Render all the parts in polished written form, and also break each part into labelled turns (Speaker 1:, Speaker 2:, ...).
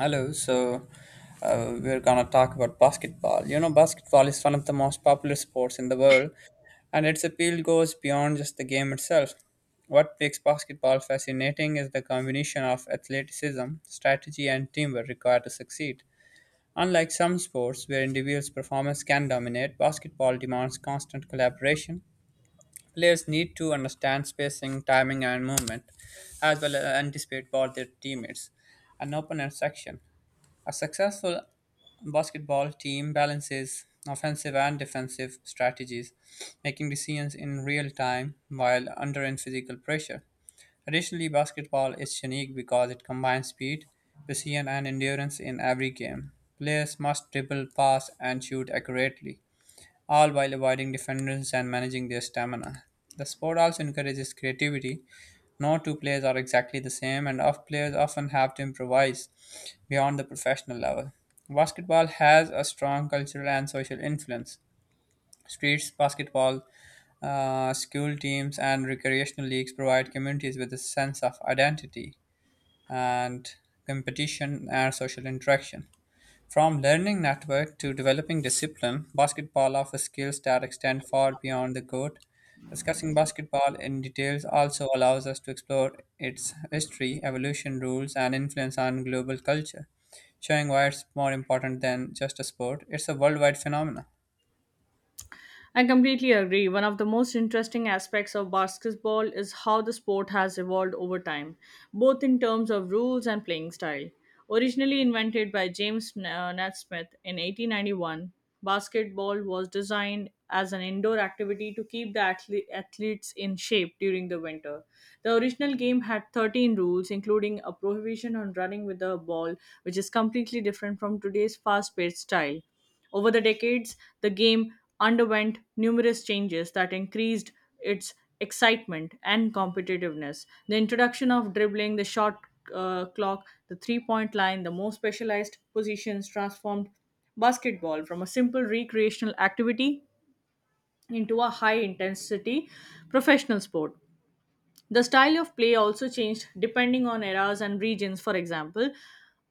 Speaker 1: Hello, so we're gonna talk about basketball. You know, basketball is one of the most popular sports in the world, and its appeal goes beyond just the game itself. What makes basketball fascinating is the combination of athleticism, strategy, and teamwork required to succeed. Unlike some sports where individuals' performance can dominate, basketball demands constant collaboration. Players need to understand spacing, timing, and movement, as well as anticipate both their teammates and opponent's action. A successful basketball team balances offensive and defensive strategies, making decisions in real time while under in physical pressure. Additionally, basketball is unique because it combines speed, precision, and endurance in every game. Players must dribble, pass, and shoot accurately, all while avoiding defenders and managing their stamina. The sport also encourages creativity. No two players are exactly the same, and off players often have to improvise beyond the professional level. Basketball has a strong cultural and social influence. Streets basketball, school teams, and recreational leagues provide communities with a sense of identity and competition and social interaction. From learning network to developing discipline, basketball offers skills that extend far beyond the court. Discussing basketball in details also allows us to explore its history, evolution, rules, and influence on global culture, showing why it's more important than just a sport. It's a worldwide phenomenon.
Speaker 2: I completely agree. One of the most interesting aspects of basketball is how the sport has evolved over time, both in terms of rules and playing style. Originally invented by James Naismith in 1891, basketball was designed as an indoor activity to keep the athletes in shape during the winter. The original game had 13 rules, including a prohibition on running with the ball, which is completely different from today's fast paced style. Over the decades, the game underwent numerous changes that increased its excitement and competitiveness. The introduction of dribbling, the shot clock, the 3-point line, the more specialized positions transformed basketball from a simple recreational activity into a high intensity professional sport. The style of play also changed depending on eras and regions. For example,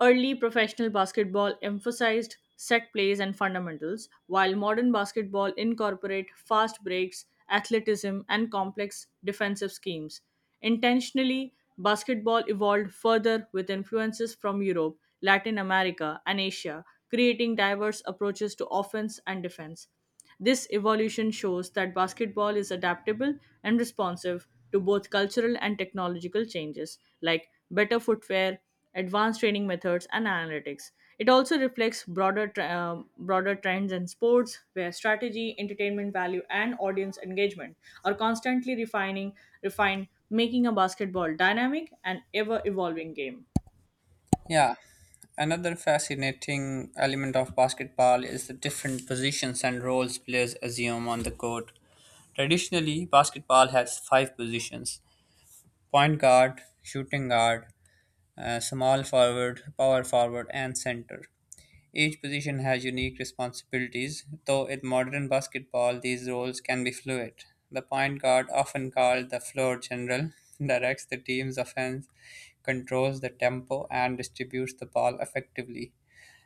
Speaker 2: early professional basketball emphasized set plays and fundamentals, while modern basketball incorporate fast breaks, athleticism, and complex defensive schemes. Intentionally, basketball evolved further with influences from Europe, Latin America, and Asia, creating diverse approaches to offense and defense. This evolution shows that basketball is adaptable and responsive to both cultural and technological changes, like better footwear, advanced training methods, and analytics. It also reflects broader, broader trends in sports, where strategy, entertainment value, and audience engagement are constantly refining, refined, making a basketball dynamic and ever evolving game.
Speaker 1: Yeah. Another fascinating element of basketball is the different positions and roles players assume on the court. Traditionally, basketball has five positions: point guard, shooting guard, small forward, power forward, and center. Each position has unique responsibilities, though in modern basketball these roles can be fluid. The point guard, often called the floor general, directs the team's offense, controls the tempo, and distributes the ball effectively.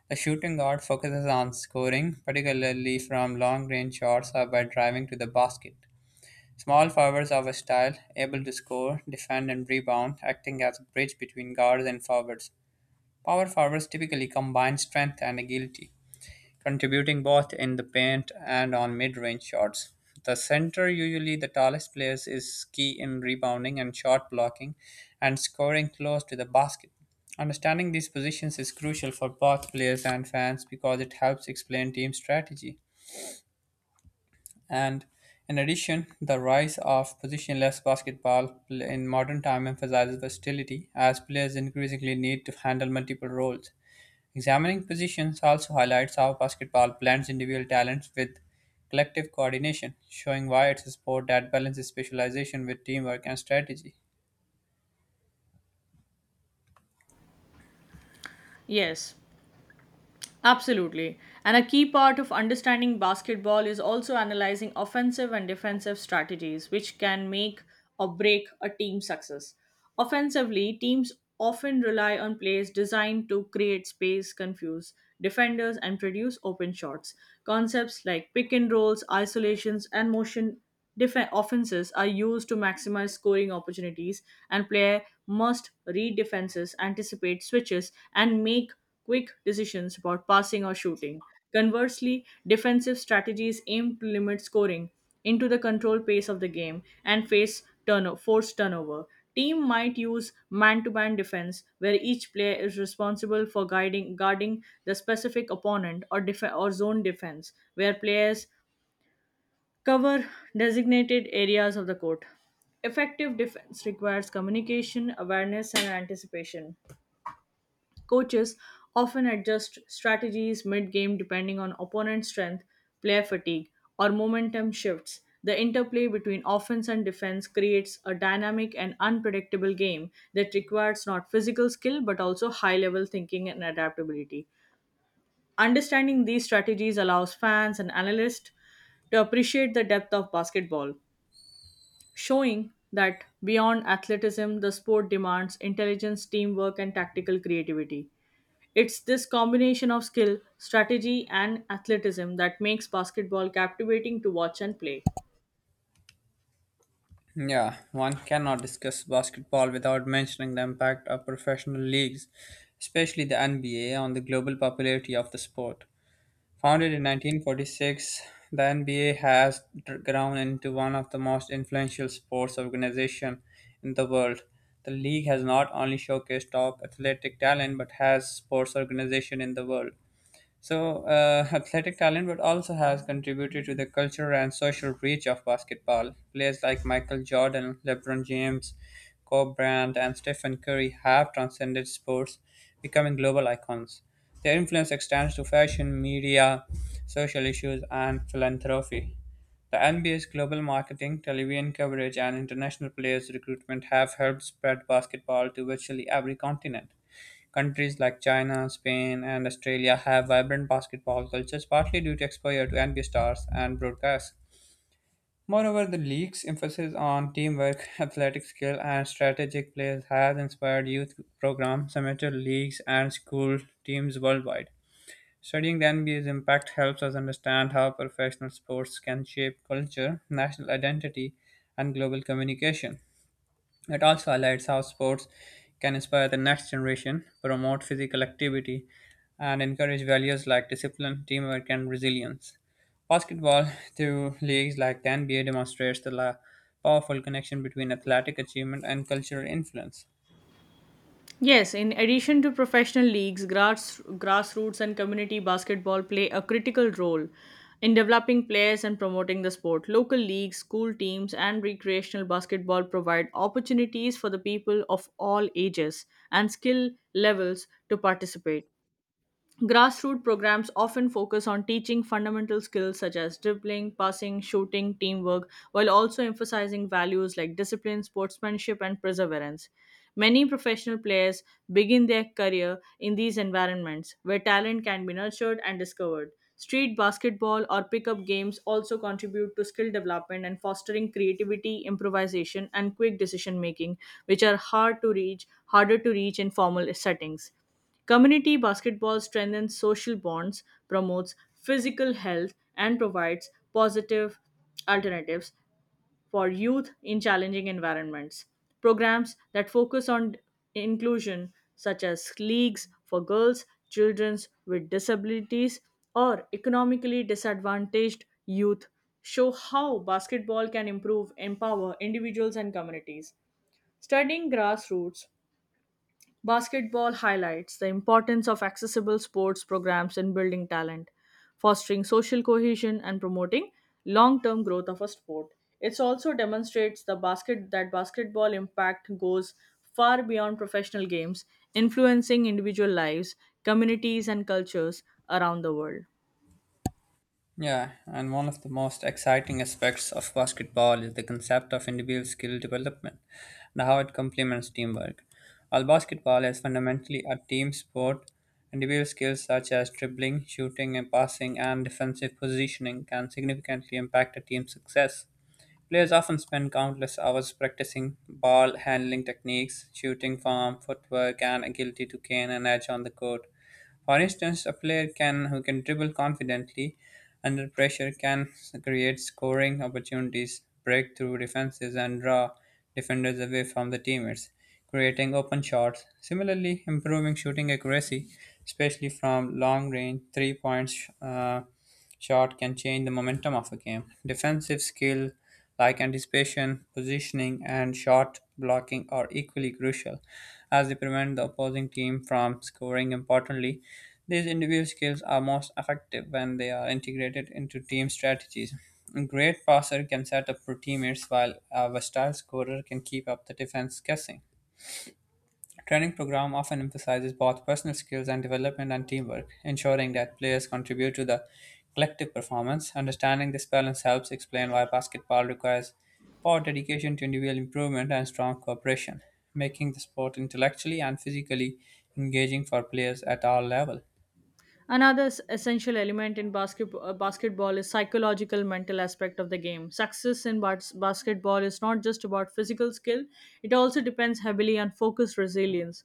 Speaker 1: The shooting guard focuses on scoring, particularly from long range shots or by driving to the basket. Small forwards are a style, able to score, defend and rebound, acting as a bridge between guards and forwards. Power forwards typically combine strength and agility, contributing both in the paint and on mid-range shots. The center, usually the tallest players, is key in rebounding and shot blocking and scoring close to the basket. Understanding these positions is crucial for both players and fans because it helps explain team strategy. And in addition, the rise of positionless basketball in modern time emphasizes versatility as players increasingly need to handle multiple roles. Examining positions also highlights how basketball blends individual talents with collective coordination, showing why it's a sport that balances specialization with teamwork and strategy.
Speaker 2: Yes, absolutely. And a key part of understanding basketball is also analyzing offensive and defensive strategies, which can make or break a team's success. Offensively, teams often rely on plays designed to create space, confuse defenders, and produce open shots. Concepts like pick and rolls, isolations, and motion Defen offenses are used to maximize scoring opportunities, and player must read defenses, anticipate switches, and make quick decisions about passing or shooting. Conversely, defensive strategies aim to limit scoring into the control pace of the game and face forced turnover. Team might use man-to-man defense, where each player is responsible for guiding guarding the specific opponent, or or zone defense, where players cover designated areas of the court. Effective defense requires communication, awareness, and anticipation. Coaches often adjust strategies mid game depending on opponent strength, player fatigue, or momentum shifts. The interplay between offense and defense creates a dynamic and unpredictable game that requires not physical skill but also high level thinking and adaptability. Understanding these strategies allows fans and analysts to appreciate the depth of basketball, showing that beyond athleticism, the sport demands intelligence, teamwork, and tactical creativity. It's this combination of skill, strategy, and athleticism that makes basketball captivating to watch and play.
Speaker 1: Yeah, one cannot discuss basketball without mentioning the impact of professional leagues, especially the NBA, on the global popularity of the sport. Founded in 1946, the NBA has grown into one of the most influential sports organizations in the world. The league has not only showcased top athletic talent but has sports organization in the world. So, athletic talent, but also has contributed to the cultural and social reach of basketball. Players like Michael Jordan, LeBron James, Kobe Bryant, and Stephen Curry have transcended sports, becoming global icons. Their influence extends to fashion, media, social issues, and philanthropy. The NBA's global marketing, television coverage, and international players' recruitment have helped spread basketball to virtually every continent. Countries like China, Spain, and Australia have vibrant basketball cultures, partly due to exposure to NBA stars and broadcasts. Moreover, the league's emphasis on teamwork, athletic skill, and strategic play has inspired youth programs, amateur leagues, and school teams worldwide. Studying the NBA's impact helps us understand how professional sports can shape culture, national identity, and global communication. It also highlights how sports can inspire the next generation, promote physical activity, and encourage values like discipline, teamwork, and resilience. Basketball, through leagues like the NBA, demonstrates the powerful connection between athletic achievement and cultural influence.
Speaker 2: Yes, in addition to professional leagues, grassroots and community basketball play a critical role in developing players and promoting the sport. Local leagues, school teams, and recreational basketball provide opportunities for the people of all ages and skill levels to participate. Grassroots programs often focus on teaching fundamental skills such as dribbling, passing, shooting, teamwork, while also emphasizing values like discipline, sportsmanship, and perseverance. Many professional players begin their career in these environments where talent can be nurtured and discovered. Street basketball or pickup games also contribute to skill development and fostering creativity, improvisation, and quick decision making, which are harder to reach in formal settings. Community basketball strengthens social bonds, promotes physical health, and provides positive alternatives for youth in challenging environments. Programs that focus on inclusion, such as leagues for girls, children with disabilities, or economically disadvantaged youth, show how basketball can empower individuals and communities. Studying grassroots basketball highlights the importance of accessible sports programs in building talent, fostering social cohesion, and promoting long term growth of a sport. It also demonstrates the basket that basketball impact goes far beyond professional games, influencing individual lives, communities, and cultures around the world.
Speaker 1: Yeah, and one of the most exciting aspects of basketball is the concept of individual skill development and how it complements teamwork. While basketball is fundamentally a team sport, individual skills such as dribbling, shooting, and passing, and defensive positioning can significantly impact a team's success. Players often spend countless hours practicing ball handling techniques, shooting form, footwork, and agility to gain an edge on the court. For instance, a player can who can dribble confidently under pressure can create scoring opportunities, break through defenses, and draw defenders away from the teammates, creating open shots. Similarly, improving shooting accuracy, especially from long range three points. Shot can change the momentum of a game. Defensive skill like anticipation, positioning, and shot blocking are equally crucial as they prevent the opposing team from scoring importantly. These individual skills are most effective when they are integrated into team strategies. A great passer can set up for teammates while a versatile scorer can keep up the defense guessing. Training program often emphasizes both personal skills and development and teamwork, ensuring that players contribute to the collective performance. Understanding this balance helps explain why basketball requires both dedication to individual improvement and strong cooperation, making the sport intellectually and physically engaging for players at all levels.
Speaker 2: Another essential element in basketball is psychological mental aspect of the game. Success in basketball is not just about physical skill, it also depends heavily on focus, resilience,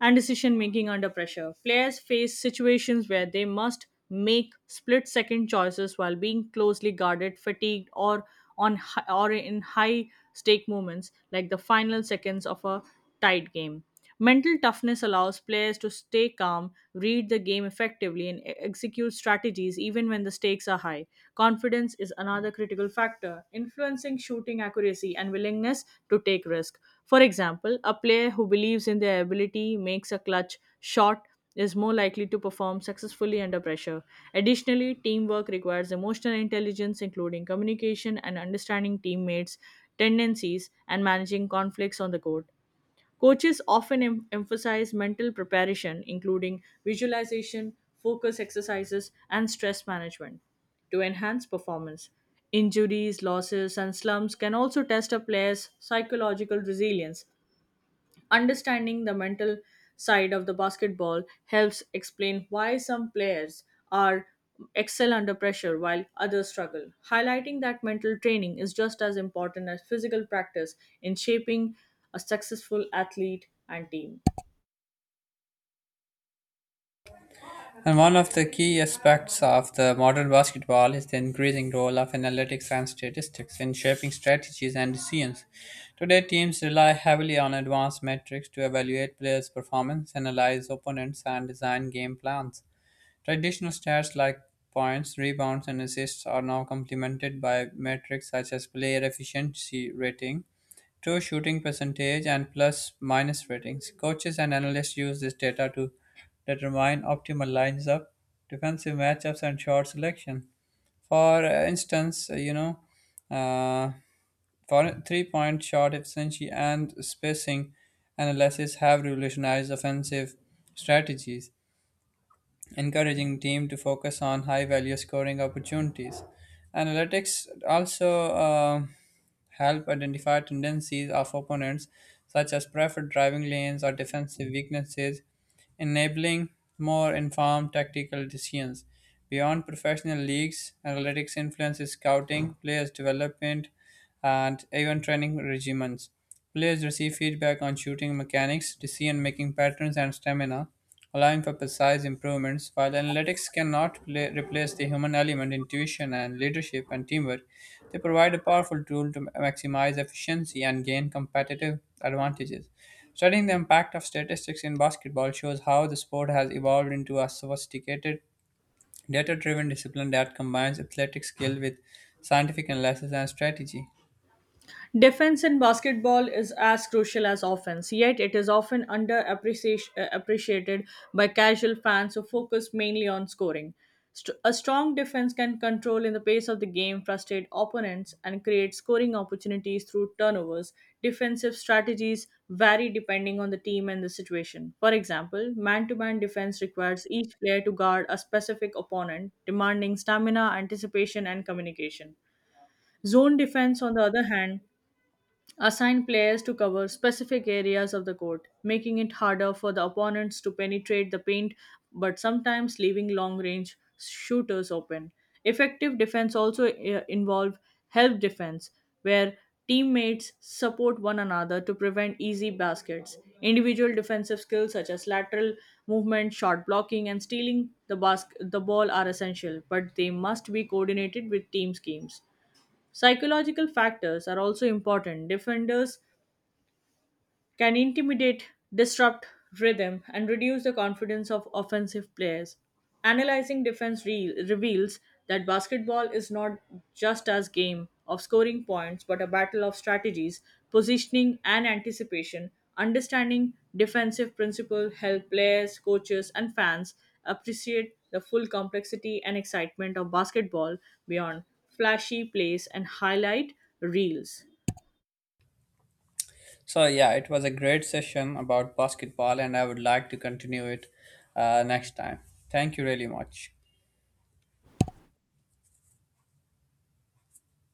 Speaker 2: and decision making under pressure. Players face situations where they must make split second choices while being closely guarded, fatigued, or in high stake moments like the final seconds of a tied game. Mental toughness allows players to stay calm, read the game effectively, and execute strategies even when the stakes are high. Confidence is another critical factor, influencing shooting accuracy and willingness to take risk. For example, a player who believes in their ability makes a clutch shot is more likely to perform successfully under pressure. Additionally, teamwork requires emotional intelligence, including communication and understanding teammates' tendencies and managing conflicts on the court. Coaches often emphasize mental preparation, including visualization, focus exercises, and stress management, to enhance performance. Injuries, losses, and slumps can also test a player's psychological resilience. Understanding the mental side of the basketball helps explain why some players are excel under pressure while others struggle, highlighting that mental training is just as important as physical practice in shaping a successful athlete and team.
Speaker 1: And one of the key aspects of the modern basketball is the increasing role of analytics and statistics in shaping strategies and decisions. Today, teams rely heavily on advanced metrics to evaluate players' performance, analyze opponents, and design game plans. Traditional stats like points, rebounds, and assists are now complemented by metrics such as player efficiency rating, true shooting percentage, and plus minus ratings. Coaches and analysts use this data to determine optimal lines up, defensive matchups, and shot selection. For instance, uh, for three-point shot efficiency and spacing analysis have revolutionized offensive strategies encouraging team to focus on high value scoring opportunities. Analytics also help identify tendencies of opponents such as preferred driving lanes or defensive weaknesses, enabling more informed tactical decisions. Beyond professional leagues, analytics influences scouting, players development, and even training regimens. Players receive feedback on shooting mechanics, decision-making patterns, and stamina, allowing for precise improvements. While analytics cannot play, replace the human element, intuition, and leadership and teamwork, they provide a powerful tool to maximize efficiency and gain competitive advantages. Studying the impact of statistics in basketball shows how the sport has evolved into a sophisticated, data driven discipline that combines athletic skill with scientific analysis and strategy.
Speaker 2: Defense in basketball is as crucial as offense, yet it is often underappreciated by casual fans who focus mainly on scoring. A strong defense can control in the pace of the game, frustrate opponents, and create scoring opportunities through turnovers. Defensive strategies vary depending on the team and the situation. For example, man to man defense requires each player to guard a specific opponent, demanding stamina, anticipation, and communication. Zone defense, on the other hand, assign players to cover specific areas of the court, making it harder for the opponents to penetrate the paint but sometimes leaving long range shooters open. Effective defense also involve help defense where teammates support one another to prevent easy baskets. Individual defensive skills such as lateral movement, shot blocking and stealing the ball are essential, but they must be coordinated with team schemes. Psychological factors are also important. Defenders can intimidate, disrupt rhythm, and reduce the confidence of offensive players. Analyzing defense reveals that basketball is not just a game of scoring points but a battle of strategies, positioning and anticipation. Understanding defensive principles help players, coaches and fans appreciate the full complexity and excitement of basketball beyond flashy plays and highlight reels.
Speaker 1: So yeah, it was a great session about basketball, and I would like to continue it next time. Thank you really much.